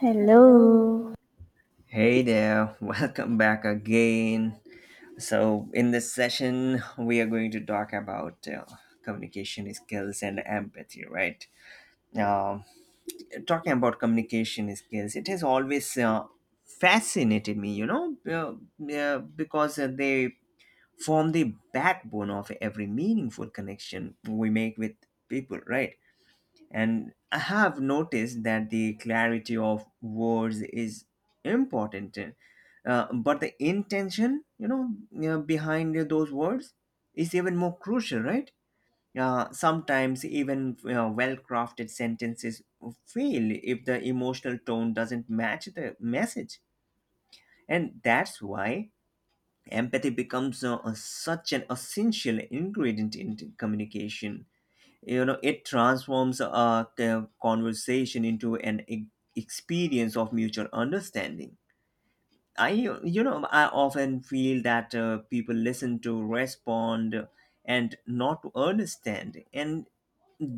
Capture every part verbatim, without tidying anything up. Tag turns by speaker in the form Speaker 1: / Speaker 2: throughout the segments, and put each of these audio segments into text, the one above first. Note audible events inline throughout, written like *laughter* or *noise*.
Speaker 1: Hello.
Speaker 2: Hey there, *laughs* welcome back again. So, in this session, we are going to talk about uh, communication skills and empathy, right? Um Talking about communication skills, it has always uh, fascinated me, you know, uh, uh, because uh, they form the backbone of every meaningful connection we make with people, right? And I have noticed that the clarity of words is important, uh, but the intention, you know, uh, behind those words is even more crucial, right? Uh, sometimes even uh, well-crafted sentences fail if the emotional tone doesn't match the message, and that's why empathy becomes uh, such an essential ingredient in communication you know it transforms a c- conversation into an e- experience of mutual understanding. I you know i often feel that uh, people listen to respond and not to understand, and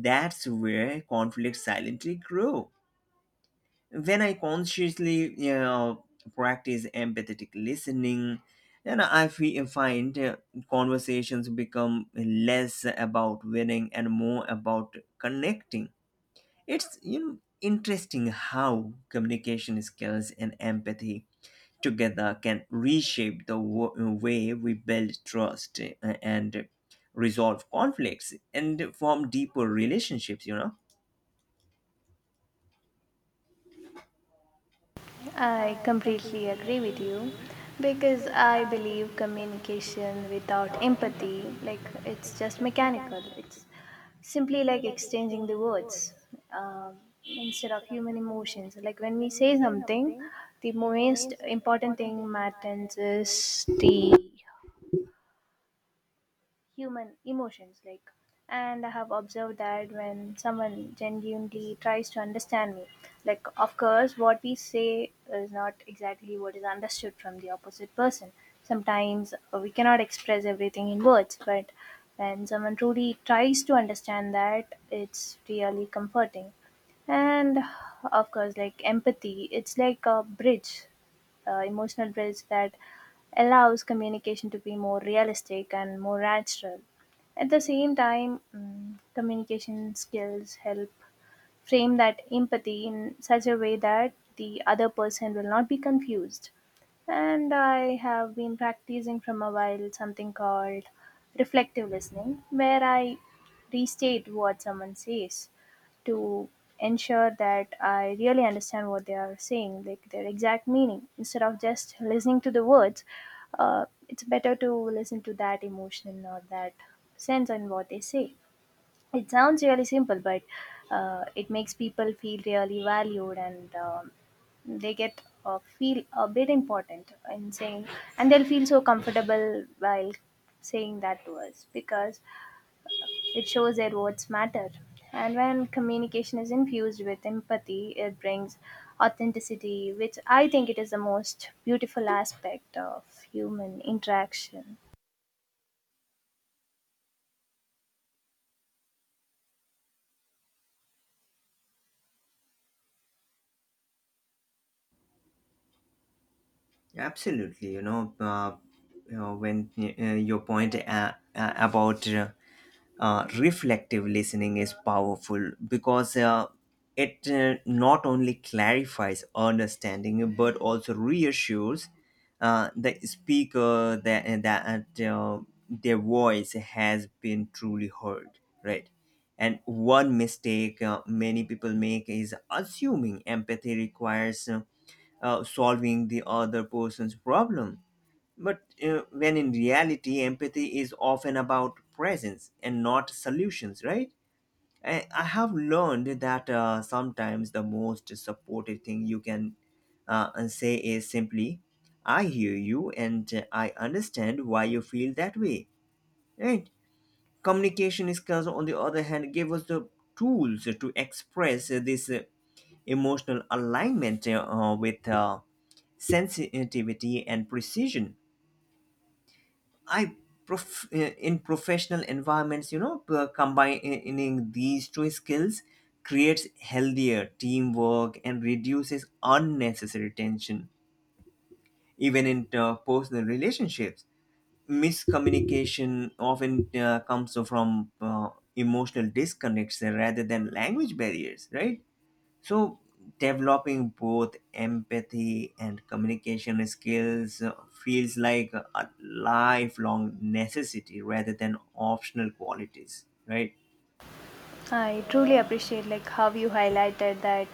Speaker 2: that's where conflicts silently grow. When I consciously, you know, practice empathetic listening, then i fe- find uh, conversations become less about winning and more about connecting. It's, you know, interesting how communication skills and empathy together can reshape the wo- way we build trust, uh, and resolve conflicts and form deeper relationships, you know.
Speaker 1: I completely agree with you because I believe communication without empathy, like, it's just mechanical. It's simply like exchanging the words um, instead of human emotions. Like when we say something, the most important thing matters is the human emotions, like, and I have observed that when someone genuinely tries to understand me, like of course what we say is not exactly what is understood from the opposite person. Sometimes uh, we cannot express everything in words, but when someone truly tries to understand that, it's really comforting. And of course, like, empathy, it's like a bridge, uh, emotional bridge that allows communication to be more realistic and more natural. At the same time, mm, communication skills help frame that empathy in such a way that the other person will not be confused. And I have been practicing from a while something called reflective listening, where I restate what someone says to ensure that I really understand what they are saying, like their exact meaning. Instead of just listening to the words, uh, it's better to listen to that emotion or that sense in what they say. It sounds really simple, but uh, it makes people feel really valued, and um, they get uh, feel a bit important in saying, and they'll feel so comfortable while saying that to us because it shows their words matter. And when communication is infused with empathy, it brings authenticity, which I think it is the most beautiful aspect of human interaction.
Speaker 2: Absolutely, you know, uh, you know, when uh, your point, uh, uh, about uh, uh, reflective listening is powerful because uh, it uh, not only clarifies understanding but also reassures uh, the speaker that, uh, that uh, their voice has been truly heard, right? And one mistake uh, many people make is assuming empathy requires Uh, uh, solving the other person's problem. But uh, when in reality, empathy is often about presence and not solutions, right? I, I have learned that uh, sometimes the most supportive thing you can uh, say is simply, I hear you, and uh, I understand why you feel that way, right? Communication skills, on the other hand, give us the tools to express, uh, this uh, emotional alignment uh, with uh, sensitivity and precision. I prof- uh, in professional environments, you know, p- combining these two skills creates healthier teamwork and reduces unnecessary tension, even in uh, personal relationships. Miscommunication often uh, comes from uh, emotional disconnects rather than language barriers, right? So, developing both empathy and communication skills uh, feels like a lifelong necessity rather than optional qualities, right?
Speaker 1: I truly appreciate like how you highlighted that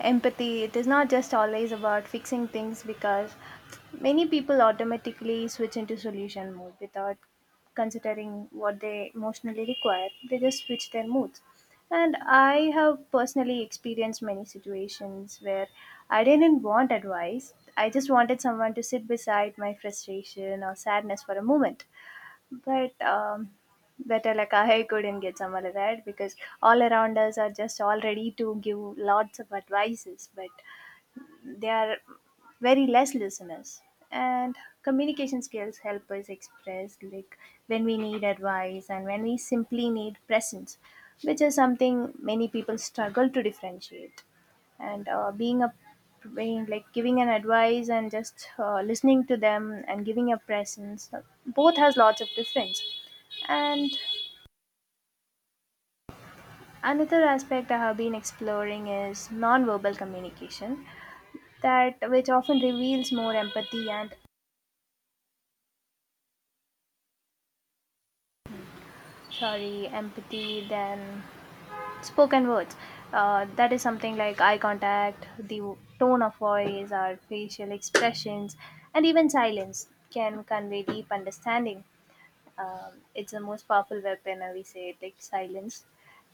Speaker 1: empathy, it is not just always about fixing things because many people automatically switch into solution mode without considering what they emotionally require. They just switch their moods. And I have personally experienced many situations where I didn't want advice, I just wanted someone to sit beside my frustration or sadness for a moment. But um, better, like, I couldn't get somebody right because all around us are just all ready to give lots of advices. But there are very less listeners, and communication skills help us express like when we need advice and when we simply need presence, which is something many people struggle to differentiate. And uh, being a being like giving an advice and just uh, listening to them and giving a presence, uh, both has lots of difference. And another aspect I have been exploring is nonverbal communication, that which often reveals more empathy and, sorry, empathy, then spoken words. Uh, that is something like eye contact, the tone of voice, our facial expressions, and even silence can convey deep understanding. Um, it's the most powerful weapon, uh, we say, it, like silence.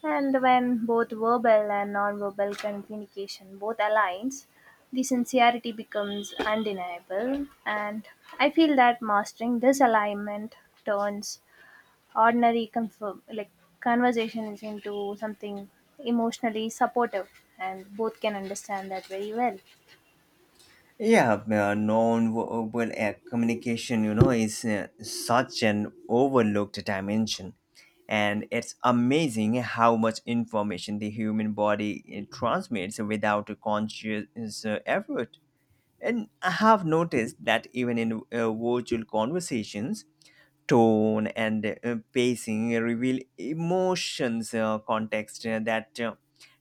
Speaker 1: And when both verbal and non-verbal communication both aligns, the sincerity becomes undeniable. And I feel that mastering this alignment turns ordinary confirm like conversations into something emotionally supportive, and both can understand that very well.
Speaker 2: Yeah, uh, non-verbal uh, communication, you know, is uh, such an overlooked dimension. And it's amazing how much information the human body uh, transmits without a conscious uh, effort. And I have noticed that even in uh, virtual conversations, tone and uh, pacing reveal emotions, uh, context uh, that uh,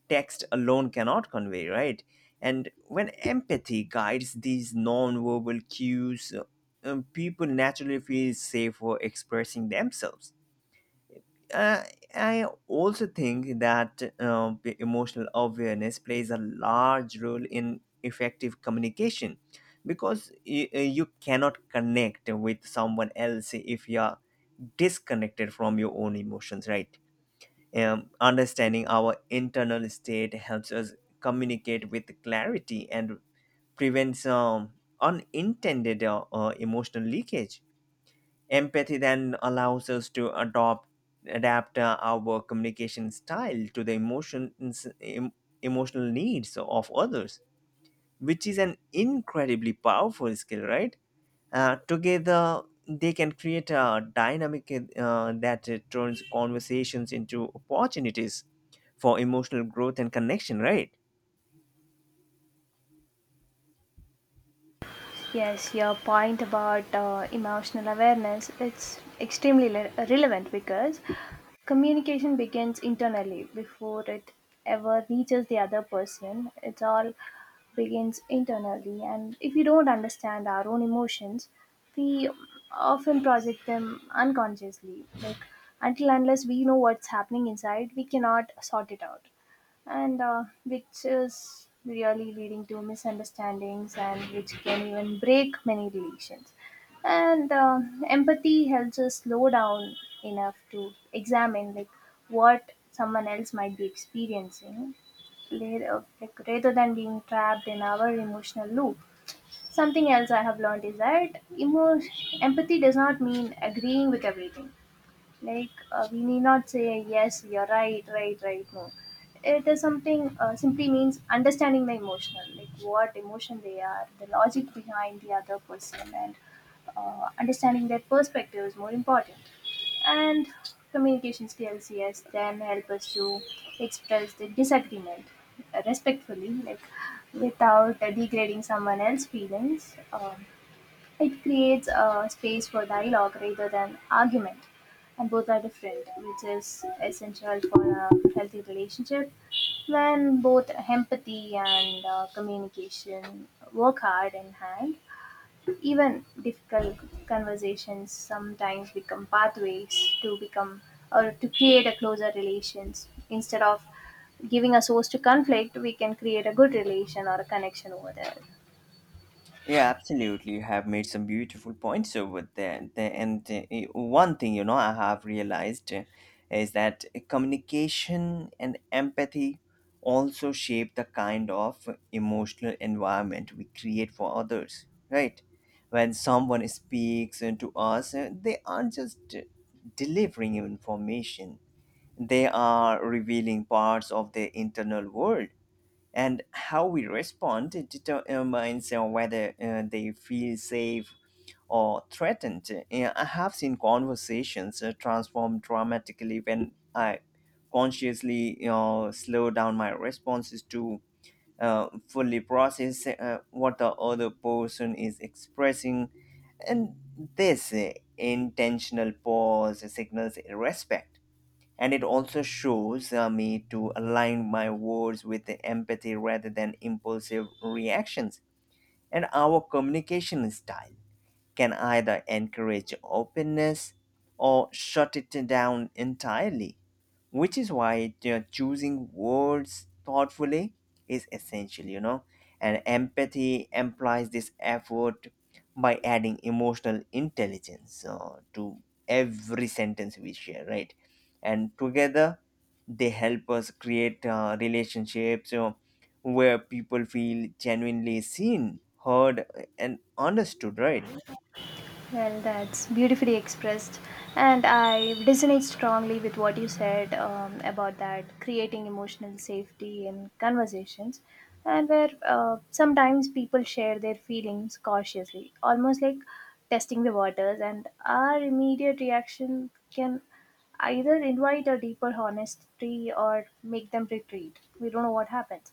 Speaker 2: text alone cannot convey, right? And when empathy guides these non-verbal cues, uh, um, people naturally feel safe for expressing themselves. uh, I also think that uh, p- emotional awareness plays a large role in effective communication, because you, you cannot connect with someone else if you are disconnected from your own emotions, right? Um, understanding our internal state helps us communicate with clarity and prevents um, unintended uh, uh, emotional leakage. Empathy then allows us to adopt adapt uh, our communication style to the emotion em- emotional needs of others, which is an incredibly powerful skill, right? Uh, together, they can create a dynamic uh, that turns conversations into opportunities for emotional growth and connection, right?
Speaker 1: Yes, your point about uh, emotional awareness, it's extremely le- relevant because communication begins internally before it ever reaches the other person. It all begins internally, and if we don't understand our own emotions, we often project them unconsciously. Like until unless we know what's happening inside, we cannot sort it out. And uh, which is really leading to misunderstandings and which can even break many relations. And uh, empathy helps us slow down enough to examine like what someone else might be experiencing later, like rather than being trapped in our emotional loop. Something else I have learned is that emo- empathy does not mean agreeing with everything. Like uh, we need not say yes you're right right right no, it is something uh, simply means understanding the emotional, like what emotion they are, the logic behind the other person. And uh, understanding their perspective is more important. And communication skills, yes, then help us to express the disagreement uh, respectfully, like without uh, degrading someone else's feelings. Um, it creates a space for dialogue rather than argument, and both are different, which is essential for a healthy relationship. When both empathy and uh, communication work hard in hand, even difficult conversations sometimes become pathways to become or to create a closer relations. Instead of giving a source to conflict, we can create a good relation or a connection over there.
Speaker 2: Yeah, absolutely. You have made some beautiful points over there. The- And uh, eh, one thing, you know, I have realized uh, is that communication and empathy also shape the kind of emotional environment we create for others, right? When someone speaks uh, to us, uh, they aren't just uh, delivering information, they are revealing parts of their internal world, and how we respond determines uh, whether uh, they feel safe or threatened. Uh, I have seen conversations uh, transform dramatically when I consciously, you know, slow down my responses to uh, fully process uh, what the other person is expressing. And this uh, intentional pause signals respect, and it also shows uh, me to align my words with the empathy rather than impulsive reactions. And our communication style can either encourage openness or shut it down entirely, which is why, you know, choosing words thoughtfully is essential, you know. And empathy implies this effort by adding emotional intelligence uh, to every sentence we share, right? And together, they help us create uh, relationships, you know, where people feel genuinely seen, heard, and understood, right?
Speaker 1: Well, that's beautifully expressed, and I resonate strongly with what you said um, about that creating emotional safety in conversations, and where uh, sometimes people share their feelings cautiously, almost like testing the waters, and our immediate reaction can either invite a deeper honesty or make them retreat. We don't know what happens.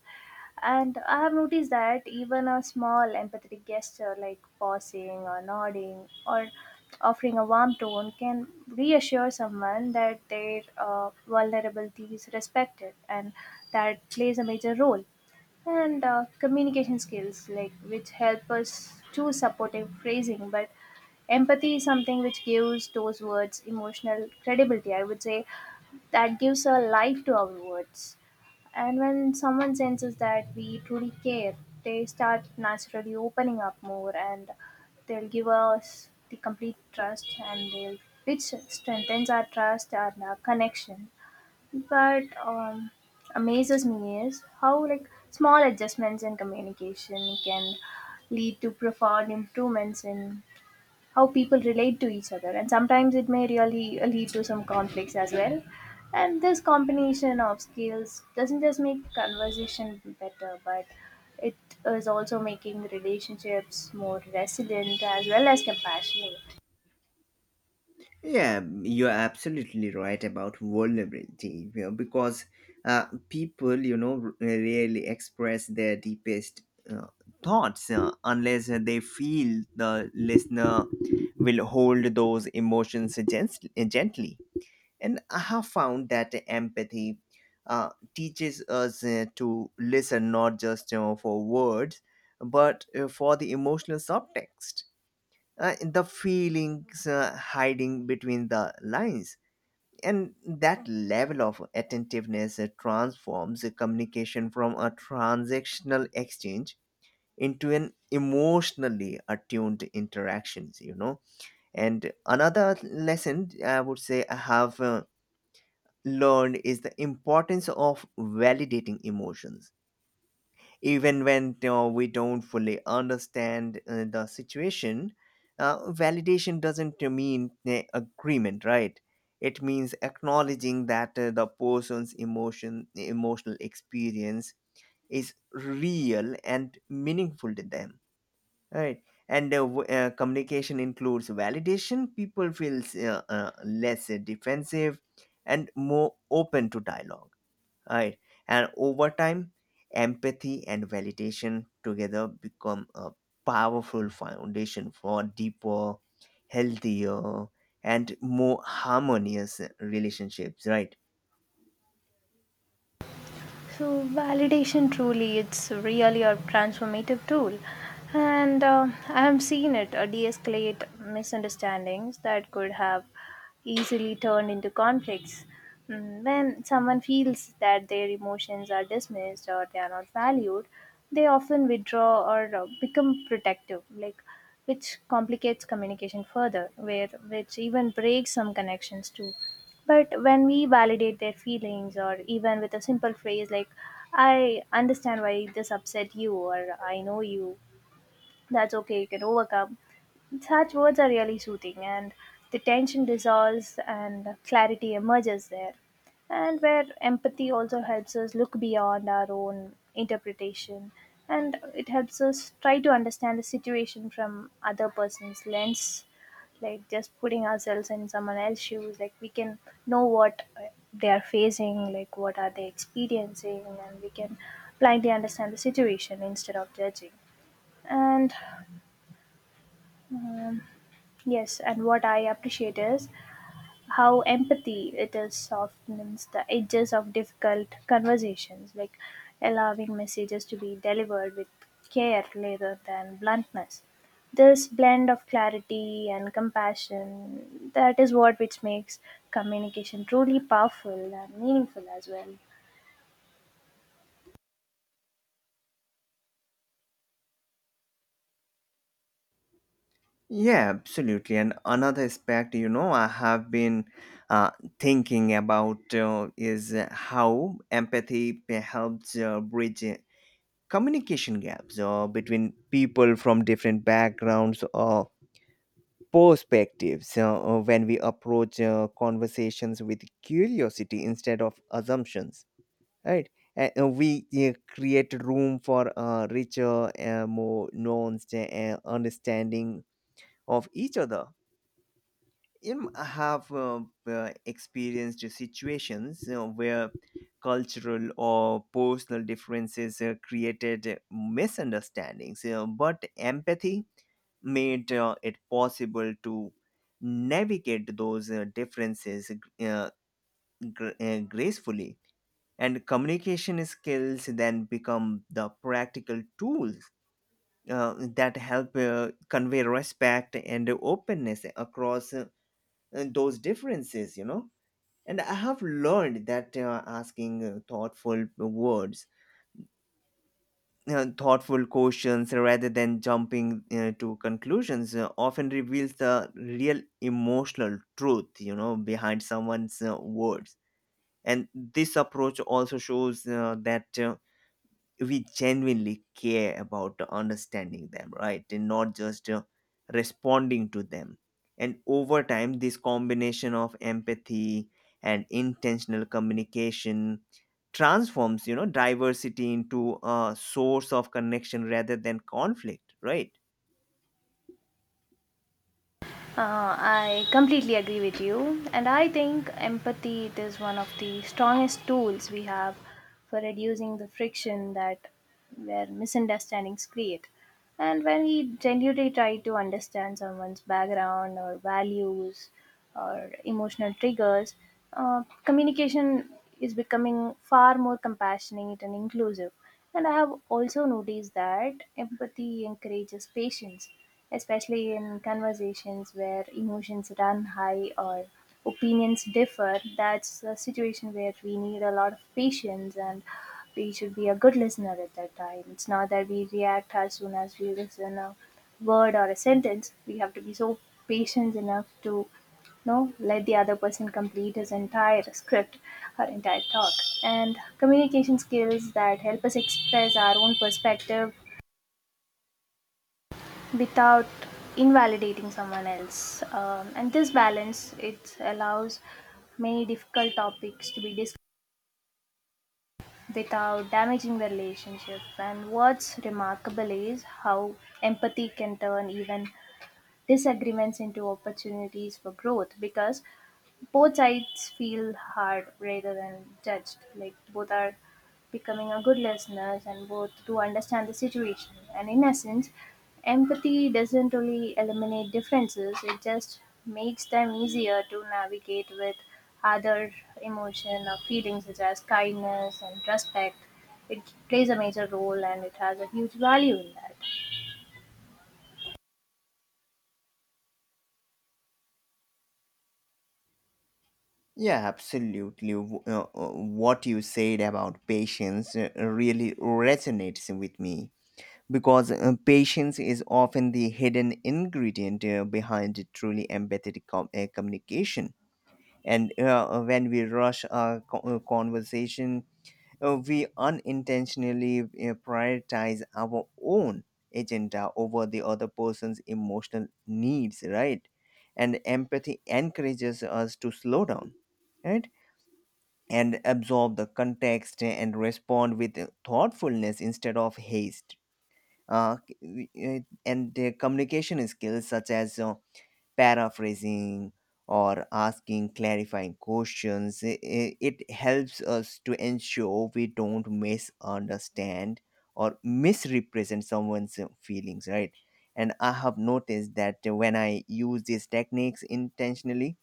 Speaker 1: And I have noticed that even a small empathetic gesture like pausing or nodding or offering a warm tone can reassure someone that their uh, vulnerability is respected, and that plays a major role. And uh, communication skills, like which help us choose supportive phrasing, but empathy is something which gives those words emotional credibility. I would say that gives a life to our words. And when someone senses that we truly care, they start naturally opening up more, and they'll give us the complete trust, and they'll which strengthens our trust and our connection. But um, amazes me is how like small adjustments in communication can lead to profound improvements in how people relate to each other, and sometimes it may really lead to some conflicts as well. And this combination of skills doesn't just make conversation better, but it is also making relationships more resilient as well as compassionate.
Speaker 2: Yeah, you're absolutely right about vulnerability, you know, because uh, people, you know, r- rarely express their deepest uh, thoughts uh, unless they feel the listener will hold those emotions gens- gently. And I have found that empathy uh, teaches us uh, to listen not just uh, for words, but uh, for the emotional subtext, uh, the feelings uh, hiding between the lines. And that level of attentiveness uh, transforms a communication from a transactional exchange into an emotionally attuned interactions, you know. And another lesson, I would say, I have uh, learned is the importance of validating emotions even when, you know, we don't fully understand uh, the situation. Uh, validation doesn't mean uh, agreement, right? It means acknowledging that uh, the person's emotion emotional experience is real and meaningful to them, right? And uh, w- uh, communication includes validation, people feel uh, uh, less defensive and more open to dialogue, right. And over time, empathy and validation together become a powerful foundation for deeper, healthier, and more harmonious relationships, right?
Speaker 1: So validation truly, it's really a transformative tool. And uh, I have seen it uh, de-escalate misunderstandings that could have easily turned into conflicts. Mm, when someone feels that their emotions are dismissed or they are not valued, they often withdraw or uh, become protective, like which complicates communication further, where which even breaks some connections too. But when we validate their feelings, or even with a simple phrase like, I understand why this upset you, or I know you, that's okay, you can overcome. Such words are really soothing, and the tension dissolves and clarity emerges there. And where empathy also helps us look beyond our own interpretation, and it helps us try to understand the situation from other person's lens, like just putting ourselves in someone else's shoes, like we can know what uh, they are facing, like what are they experiencing, and we can blindly understand the situation instead of judging. And um, yes, and what I appreciate is how empathy, it is softens the edges of difficult conversations, like allowing messages to be delivered with care rather than bluntness. This blend of clarity and compassion, that is what which makes communication truly powerful and meaningful as well.
Speaker 2: Yeah, absolutely. And another aspect, you know, I have been uh, thinking about, uh, is how empathy helps uh, bridge communication gaps uh, between people from different backgrounds or perspectives. Uh, uh, when we approach uh, conversations with curiosity instead of assumptions, right? And uh, we uh, create room for a richer, uh, more nuanced uh, understanding of each other, you know. I have uh, uh, experienced situations, you know, where cultural or personal differences uh, created misunderstandings, you know, but empathy made uh, it possible to navigate those uh, differences uh, gr- uh, gracefully. And communication skills then become the practical tools uh, that help uh, convey respect and openness across uh, those differences, you know. And I have learned that uh, asking uh, thoughtful words uh, thoughtful questions rather than jumping uh, to conclusions uh, often reveals the real emotional truth, you know, behind someone's uh, words. And this approach also shows uh, that uh, we genuinely care about understanding them, right? And not just uh, responding to them. And over time, this combination of empathy and intentional communication transforms, you know, diversity into a source of connection rather than conflict, right?
Speaker 1: Uh, I completely agree with you, and I think empathy, it is one of the strongest tools we have for reducing the friction that where misunderstandings create. And when we genuinely try to understand someone's background or values or emotional triggers, uh, communication is becoming far more compassionate and inclusive. And I have also noticed that empathy encourages patience, especially in conversations where emotions run high or opinions differ. That's a situation where we need a lot of patience, and we should be a good listener at that time. It's not that we react as soon as we listen a word or a sentence. We have to be so patient enough to, no, let the other person complete his entire script, her entire talk. And communication skills that help us express our own perspective without invalidating someone else. Um, and this balance, it allows many difficult topics to be discussed without damaging the relationship. And what's remarkable is how empathy can turn even disagreements into opportunities for growth because both sides feel hard rather than judged. Like both are becoming a good listeners and both do understand the situation. And in essence, empathy doesn't really eliminate differences. It just makes them easier to navigate with other emotion or feelings such as kindness and respect. It plays a major role, and it has a huge value in that.
Speaker 2: Yeah, absolutely. W- Uh, uh, what you said about patience uh, really resonates with me, because uh, patience is often the hidden ingredient uh, behind truly empathetic com- uh, communication. And uh, when we rush a co- uh, conversation, uh, we unintentionally uh, prioritize our own agenda over the other person's emotional needs, right? And empathy encourages us to slow down, right? And absorb the context and respond with thoughtfulness instead of haste. Uh, k- we- eh, and their communication skills, such as uh, paraphrasing or asking clarifying questions, i- i- it helps us to ensure we don't misunderstand or misrepresent someone's uh, feelings, right. And I have noticed that when I use these techniques intentionally,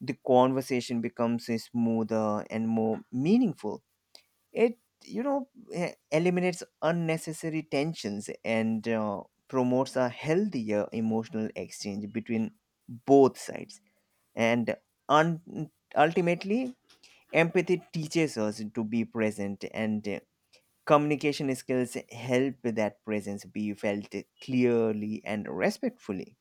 Speaker 2: the conversation becomes uh, smoother and more meaningful. It, you know, eh, eliminates unnecessary tensions and uh, promotes a healthier emotional exchange between both sides. And un- ultimately, empathy teaches us to be present, and uh, communication skills help that presence be felt clearly and respectfully.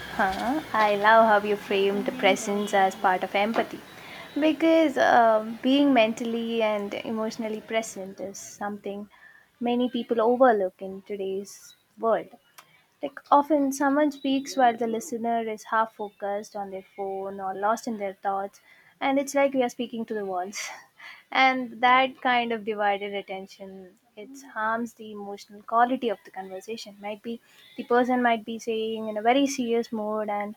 Speaker 1: Huh? I love how you framed the presence as part of empathy. Because uh, being mentally and emotionally present is something many people overlook in today's world. Like often someone speaks while the listener is half focused on their phone or lost in their thoughts, and it's like we are speaking to the walls. *laughs* And that kind of divided attention, it harms the emotional quality of the conversation. Might be the person might be saying in a very serious mode, and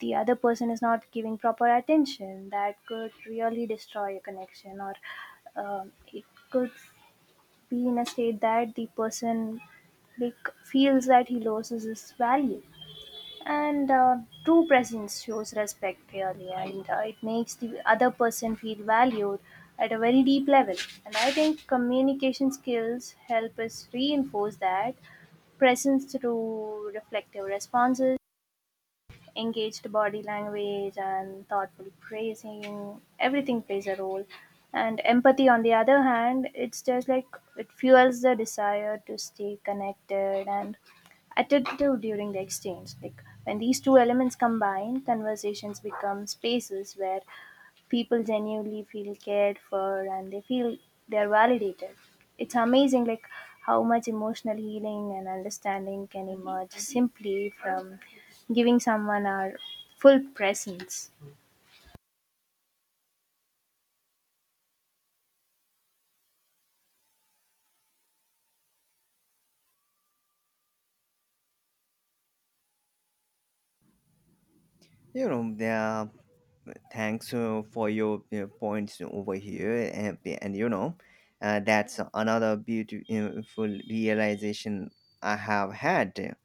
Speaker 1: the other person is not giving proper attention. That could really destroy a connection or um, it could be in a state that the person like feels that he loses his value. And uh, true presence shows respect, really, and uh, it makes the other person feel valued at a very deep level. And I think communication skills help us reinforce that presence through reflective responses, engaged body language, and thoughtful praising. Everything plays a role. And empathy, on the other hand, it's just like it fuels the desire to stay connected and attentive during the exchange. Like when these two elements combine, conversations become spaces where people genuinely feel cared for and they feel they're validated. It's amazing like how much emotional healing and understanding can emerge simply from giving someone our full presence.
Speaker 2: You know, the, thanks uh, for your uh, points over here, and, and you know, uh, that's another beautiful realization I have had.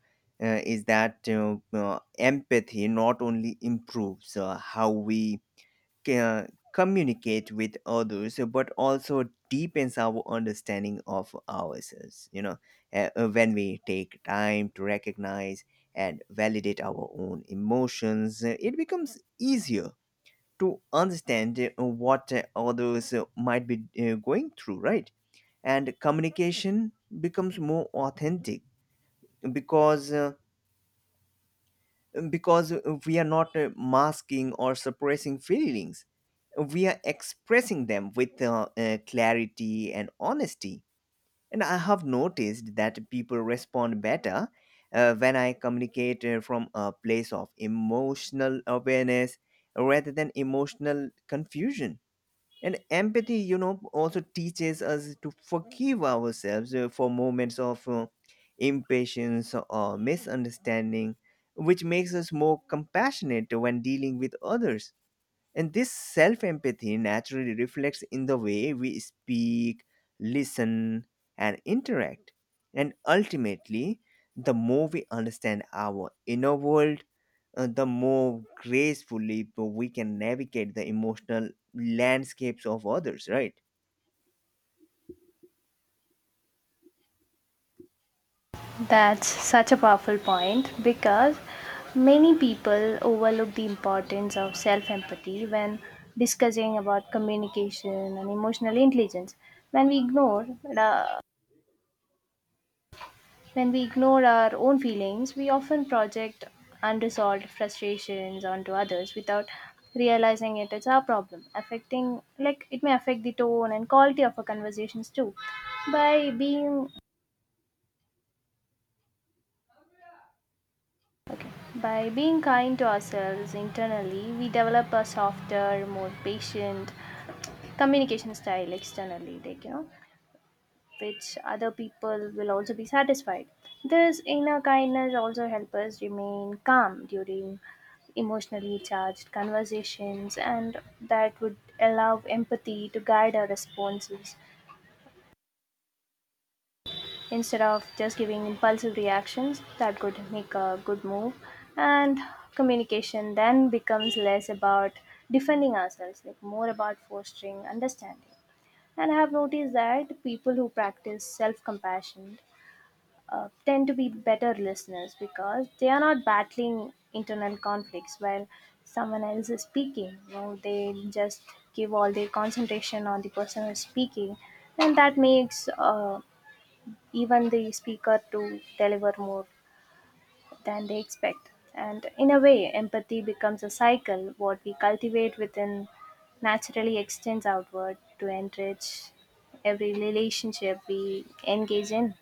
Speaker 2: Uh, is that uh, uh, empathy not only improves uh, how we uh, communicate with others but also deepens our understanding of ourselves, you know. Uh, uh, when we take time to recognize and validate our own emotions, uh, it becomes easier to understand uh, what uh, others uh, might be uh, going through, right. And communication becomes more authentic, because uh, um, because uh, we are not uh, masking or suppressing feelings. We are expressing them with uh, uh, clarity and honesty. And I have noticed that people respond better uh, when I communicate uh, from a place of emotional awareness rather than emotional confusion. And empathy, you know, also teaches us to forgive ourselves uh, for moments of uh, impatience or misunderstanding, which makes us more compassionate when dealing with others. And this self empathy naturally reflects in the way we speak, listen, and interact. And ultimately, the more we understand our inner world, uh, the more gracefully we can navigate the emotional landscapes of others, right?
Speaker 1: That's such a powerful point because many people overlook the importance of self-empathy when discussing about communication and emotional intelligence. When we ignore the When we ignore our own feelings, we often project unresolved frustrations onto others without realizing it is our problem, affecting, like, it may affect the tone and quality of our conversations too. By being okay, by being kind to ourselves internally, we develop a softer, more patient communication style externally, like, you know, which other people will also be satisfied. This inner kindness also helps us remain calm during emotionally charged conversations, and that would allow empathy to guide our responses instead of just giving impulsive reactions that could make a good move. And communication then becomes less about defending ourselves, like more about fostering understanding. And I have noticed that people who practice self compassion uh, tend to be better listeners because they are not battling internal conflicts while someone else is speaking. You know, they just give all their concentration on the person who is speaking, and that makes uh, even the speaker to deliver more than they expect. And in a way, empathy becomes a cycle. What we cultivate within naturally extends outward to enrich every relationship we engage in.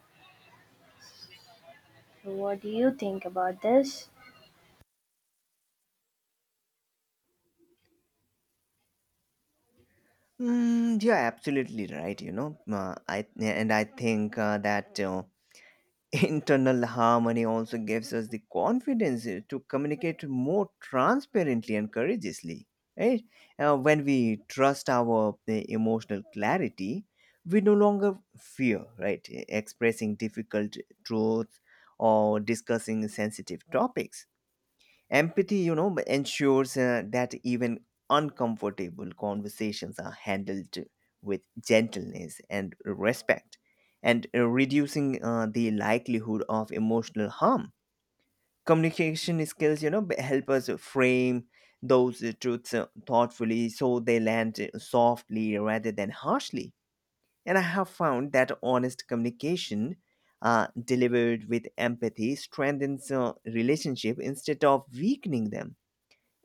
Speaker 1: What do you think about this?
Speaker 2: Mm, you're absolutely right. You know, uh, I and I think uh, that uh, internal harmony also gives us the confidence uh, to communicate more transparently and courageously. Right? Uh, when we trust our uh, emotional clarity, we no longer fear, right, expressing difficult truths or discussing sensitive topics. Empathy, you know, ensures uh, that even uncomfortable conversations are handled with gentleness and respect, and uh, reducing uh, the likelihood of emotional harm. Communication skills, you know, b- help us frame those uh, truths uh, thoughtfully so they land uh, softly rather than harshly. And I have found that honest communication uh, delivered with empathy strengthens uh, relationship instead of weakening them.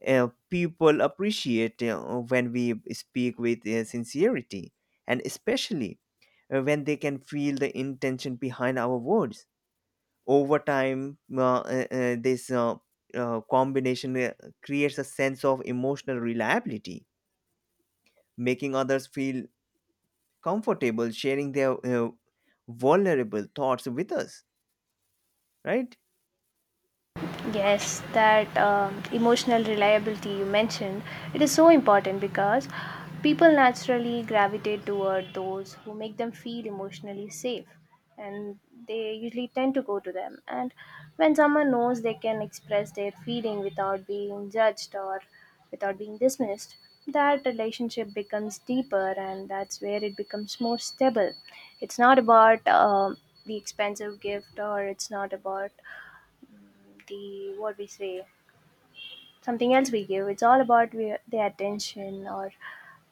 Speaker 2: uh, People appreciate uh, when we speak with uh, sincerity, and especially uh, when they can feel the intention behind our words. Over time uh, uh, uh, this uh, uh, combination uh, creates a sense of emotional reliability, making others feel comfortable sharing their uh, vulnerable thoughts with us, right?
Speaker 1: Yes, that um, emotional reliability you mentioned, it is so important because people naturally gravitate toward those who make them feel emotionally safe, and they usually tend to go to them. And when someone knows they can express their feeling without being judged or without being dismissed, that relationship becomes deeper and that's where it becomes more stable. It's not about um the expensive gift, or it's not about the what we say something else we give. It's all about we, the attention, or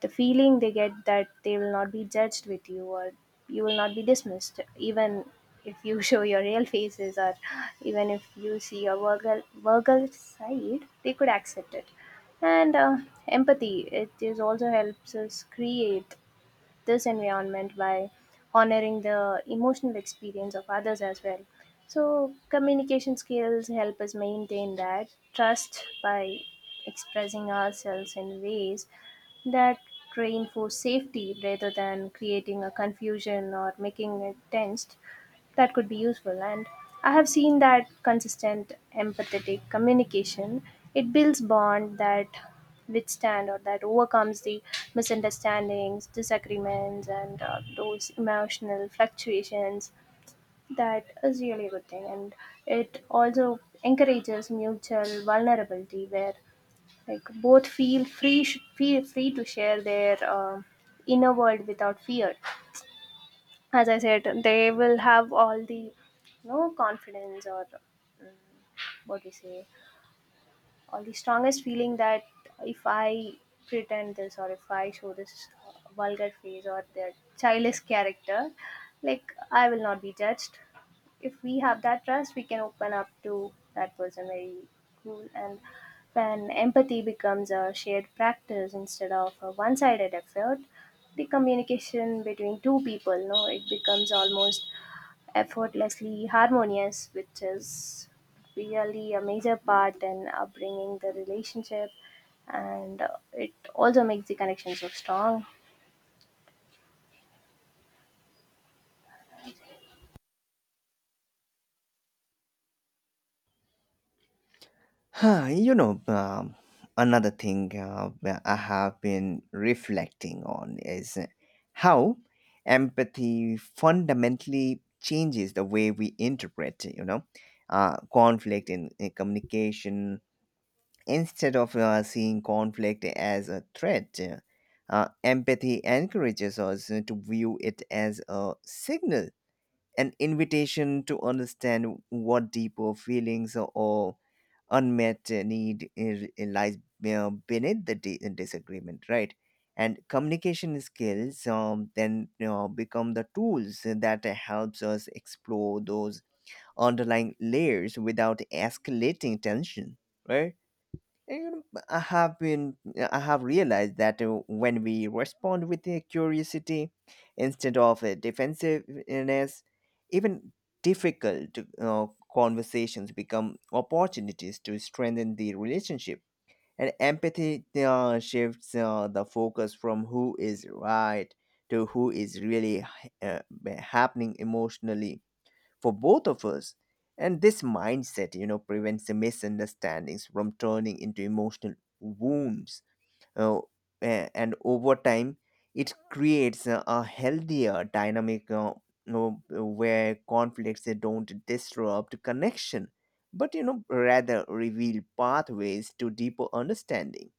Speaker 1: the feeling they get that they will not be judged with you, or you will not be dismissed even if you *laughs* show your real faces, or even if you see your verbal verbal side, they could accept it. And uh, empathy, it is also helps us create this environment by honoring the emotional experience of others as well. So, communication skills help us maintain that trust by expressing ourselves in ways that reinforce safety rather than creating a confusion or making it tensed. That could be useful. And I have seen that consistent empathetic communication, it builds bond that withstand or that overcomes the misunderstandings, disagreements, and uh, those emotional fluctuations. That is really a good thing. And it also encourages mutual vulnerability where like both feel free sh- feel free to share their uh, inner world without fear. As I said, they will have all the, you know, confidence, or what we say, all the strongest feeling that if I pretend this or if I show this vulgar face or their childish character, like, I will not be judged. If we have that trust, we can open up to that person very cool. And when empathy becomes a shared practice instead of a one-sided effort, the communication between two people, no, it becomes almost effortlessly harmonious, which is really a major part in upbringing the relationship, and uh, it also makes the connection so strong.
Speaker 2: Huh, you know, um, Another thing uh, where I have been reflecting on is how empathy fundamentally changes the way we interpret, you know, uh, conflict in, in communication. Instead of uh, seeing conflict as a threat, uh, empathy encourages us to view it as a signal, an invitation to understand what deeper feelings or unmet uh, need i- i- lies uh, beneath the di- uh, disagreement, right? And communication skills um, then, you know, become the tools that helps us explore those underlying layers without escalating tension, right? And, you know, I have been, I have realized that uh, when we respond with a curiosity instead of a defensiveness, even difficult uh, conversations become opportunities to strengthen the relationship. And empathy uh, shifts uh, the focus from who is right to who is really uh, happening emotionally for both of us. And this mindset, you know, prevents the misunderstandings from turning into emotional wounds, uh, a- and over time it creates a, a healthier dynamic, uh, you where conflicts, they don't disrupt connection but, you know rather reveal pathways to deeper understanding.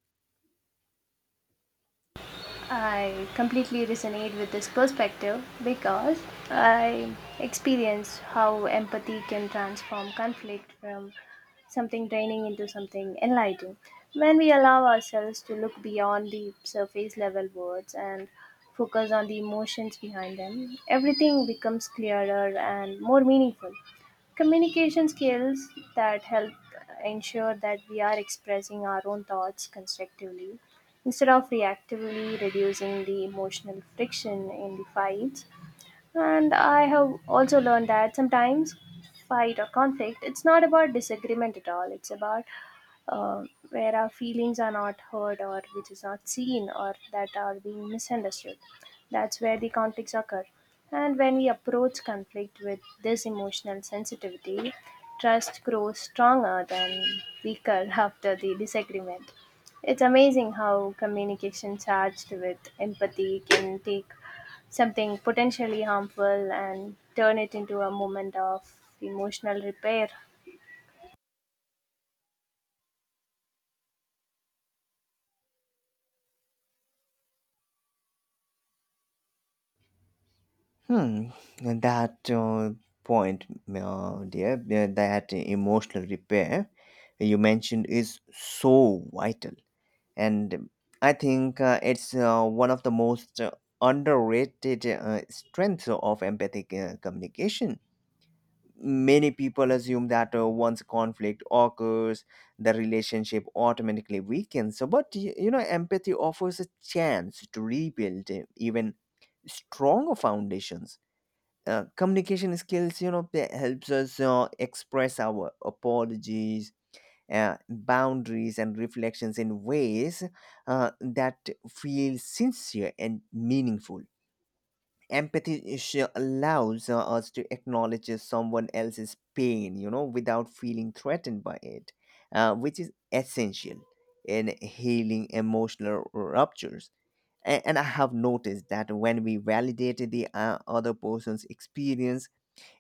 Speaker 1: I completely resonate with this perspective because I experience how empathy can transform conflict from something draining into something enlightening. When we allow ourselves to look beyond the surface level words and focus on the emotions behind them, everything becomes clearer and more meaningful. Communication skills that help ensure that we are expressing our own thoughts constructively instead of reactively, reducing the emotional friction in the fights. And I have also learned that sometimes fight or conflict, it's not about disagreement at all. It's about uh, where our feelings are not heard, or which is not seen, or that are being misunderstood. That's where the conflicts occur. And when we approach conflict with this emotional sensitivity, trust grows stronger than weaker *laughs* after the disagreement. It's amazing how communication charged with empathy can take something potentially harmful and turn it into a moment of emotional repair.
Speaker 2: Hmm, and that uh, point, uh, dear, uh, that emotional repair you mentioned is so vital, and I think uh, it's uh, one of the most uh, underrated uh, strengths of empathic uh, communication. Many people assume that uh, once conflict occurs, the relationship automatically weakens. So, but y- you know, empathy offers a chance to rebuild uh, even stronger foundations. Uh, communication skills, you know that helps us uh, express our apologies, uh, boundaries and reflections in ways uh, that feel sincere and meaningful. Empathy sh- allows uh, us to acknowledge someone else's pain, you know without feeling threatened by it, uh, which is essential in healing emotional ruptures. A- and I have noticed that when we validate the uh, other person's experience,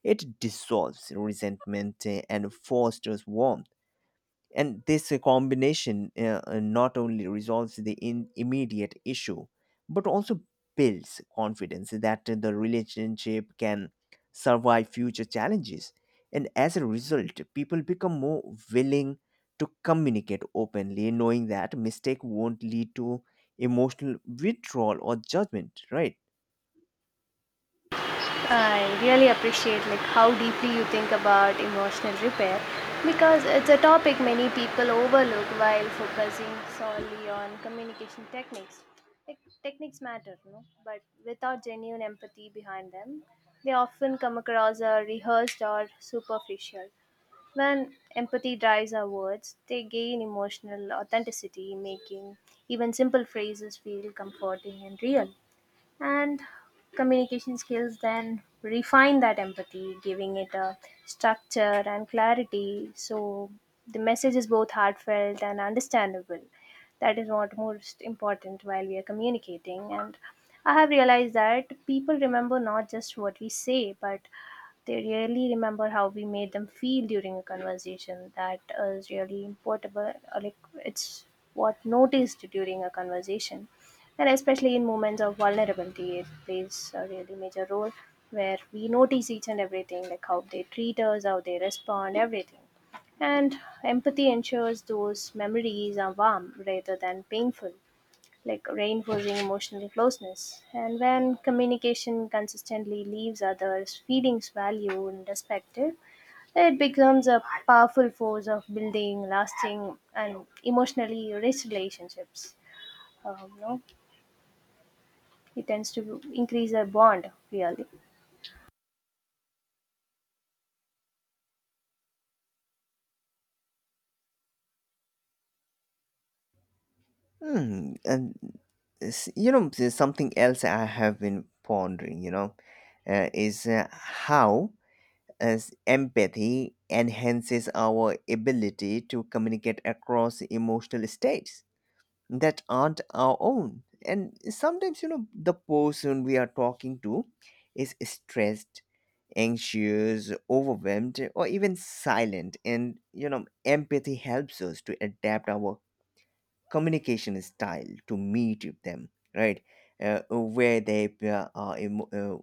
Speaker 2: it dissolves resentment uh, and fosters warmth. And this uh, combination uh, uh, not only resolves the in- immediate issue, but also builds confidence that uh, the relationship can survive future challenges. And as a result, people become more willing to communicate openly, knowing that mistake won't lead to emotional withdrawal or judgment, right?
Speaker 1: I really appreciate like how deeply you think about emotional repair because it's a topic many people overlook while focusing solely on communication techniques. Like, techniques matter, no? But without genuine empathy behind them, they often come across as rehearsed or superficial. When empathy drives our words, they gain emotional authenticity, making even simple phrases feel comforting and real. And communication skills then refine that empathy, giving it a structure and clarity so the message is both heartfelt and understandable. That is what most important while we are communicating. And I have realized that people remember not just what we say, but they really remember how we made them feel during a conversation. That is really important, uh, like, it's what noticed during a conversation, and especially in moments of vulnerability, it plays a really major role where we notice each and everything, like how they treat us, how they respond, everything. And empathy ensures those memories are warm rather than painful, like reinforcing emotional closeness. And when communication consistently leaves others feelings valued and respected, it becomes a powerful force of building lasting and emotionally rich relationships. um, you know, it tends to increase their bond, really.
Speaker 2: Hmm. And s- you know, there's something else I have been pondering. You know, uh, is uh, How as empathy enhances our ability to communicate across emotional states that aren't our own. And sometimes, you know, the person we are talking to is stressed, anxious, overwhelmed, or even silent. And, you know, empathy helps us to adapt our communication style to meet with them, right? Uh, where they uh, are emo- uh,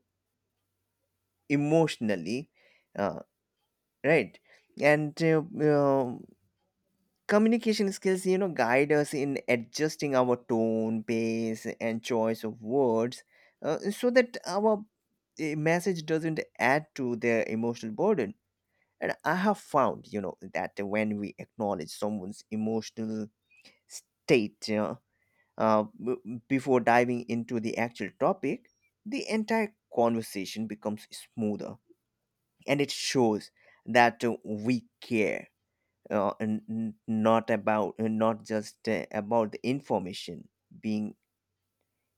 Speaker 2: emotionally, uh, right? And uh, um, Communication skills, you know, guide us in adjusting our tone, pace, and choice of words uh, so that our uh, message doesn't add to their emotional burden. And I have found, you know, that when we acknowledge someone's emotional state, you know, uh, b- before diving into the actual topic, the entire conversation becomes smoother, and it shows that uh, we care, uh, n- n- not about uh, not just uh, about the information being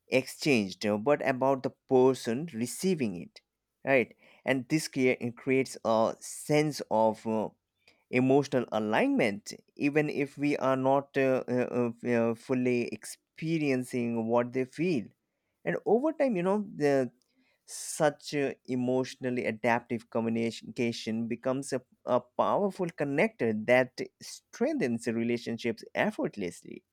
Speaker 2: exchanged, uh, but about the person receiving it, right? And this crea- creates a sense of uh, emotional alignment, even if we are not uh, uh, uh, uh, fully experiencing what they feel. And over time, you know the such uh, emotionally adaptive communication becomes a, a powerful connector that strengthens relationships effortlessly.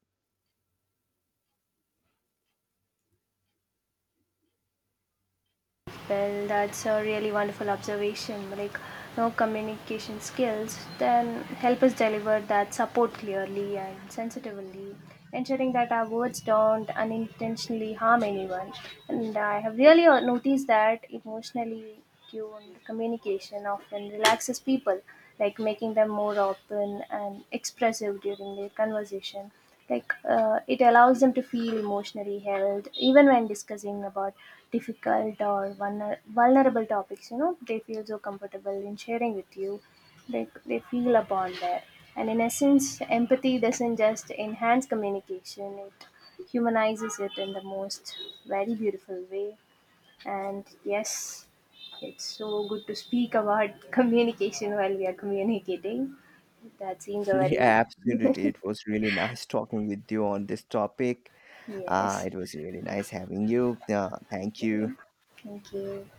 Speaker 1: Well, that's a really wonderful observation, like, no, communication skills then help us deliver that support clearly and sensitively, ensuring that our words don't unintentionally harm anyone. And I have really uh, noticed that emotionally tuned communication often relaxes people, like making them more open and expressive during their conversation. Like, uh, it allows them to feel emotionally held even when discussing about difficult or vulner- vulnerable topics. You know, they feel so comfortable in sharing with you. They, they feel a bond there. And in essence, empathy doesn't just enhance communication, it humanizes it in the most very beautiful way. And yes, it's so good to speak about *laughs* communication while we are communicating. That seems
Speaker 2: *laughs*
Speaker 1: a very,
Speaker 2: Yeah, absolutely, it was really nice talking with you on this topic. Uh,
Speaker 1: yes.
Speaker 2: it was really nice having you. Uh, thank you.
Speaker 1: Okay. Thank you.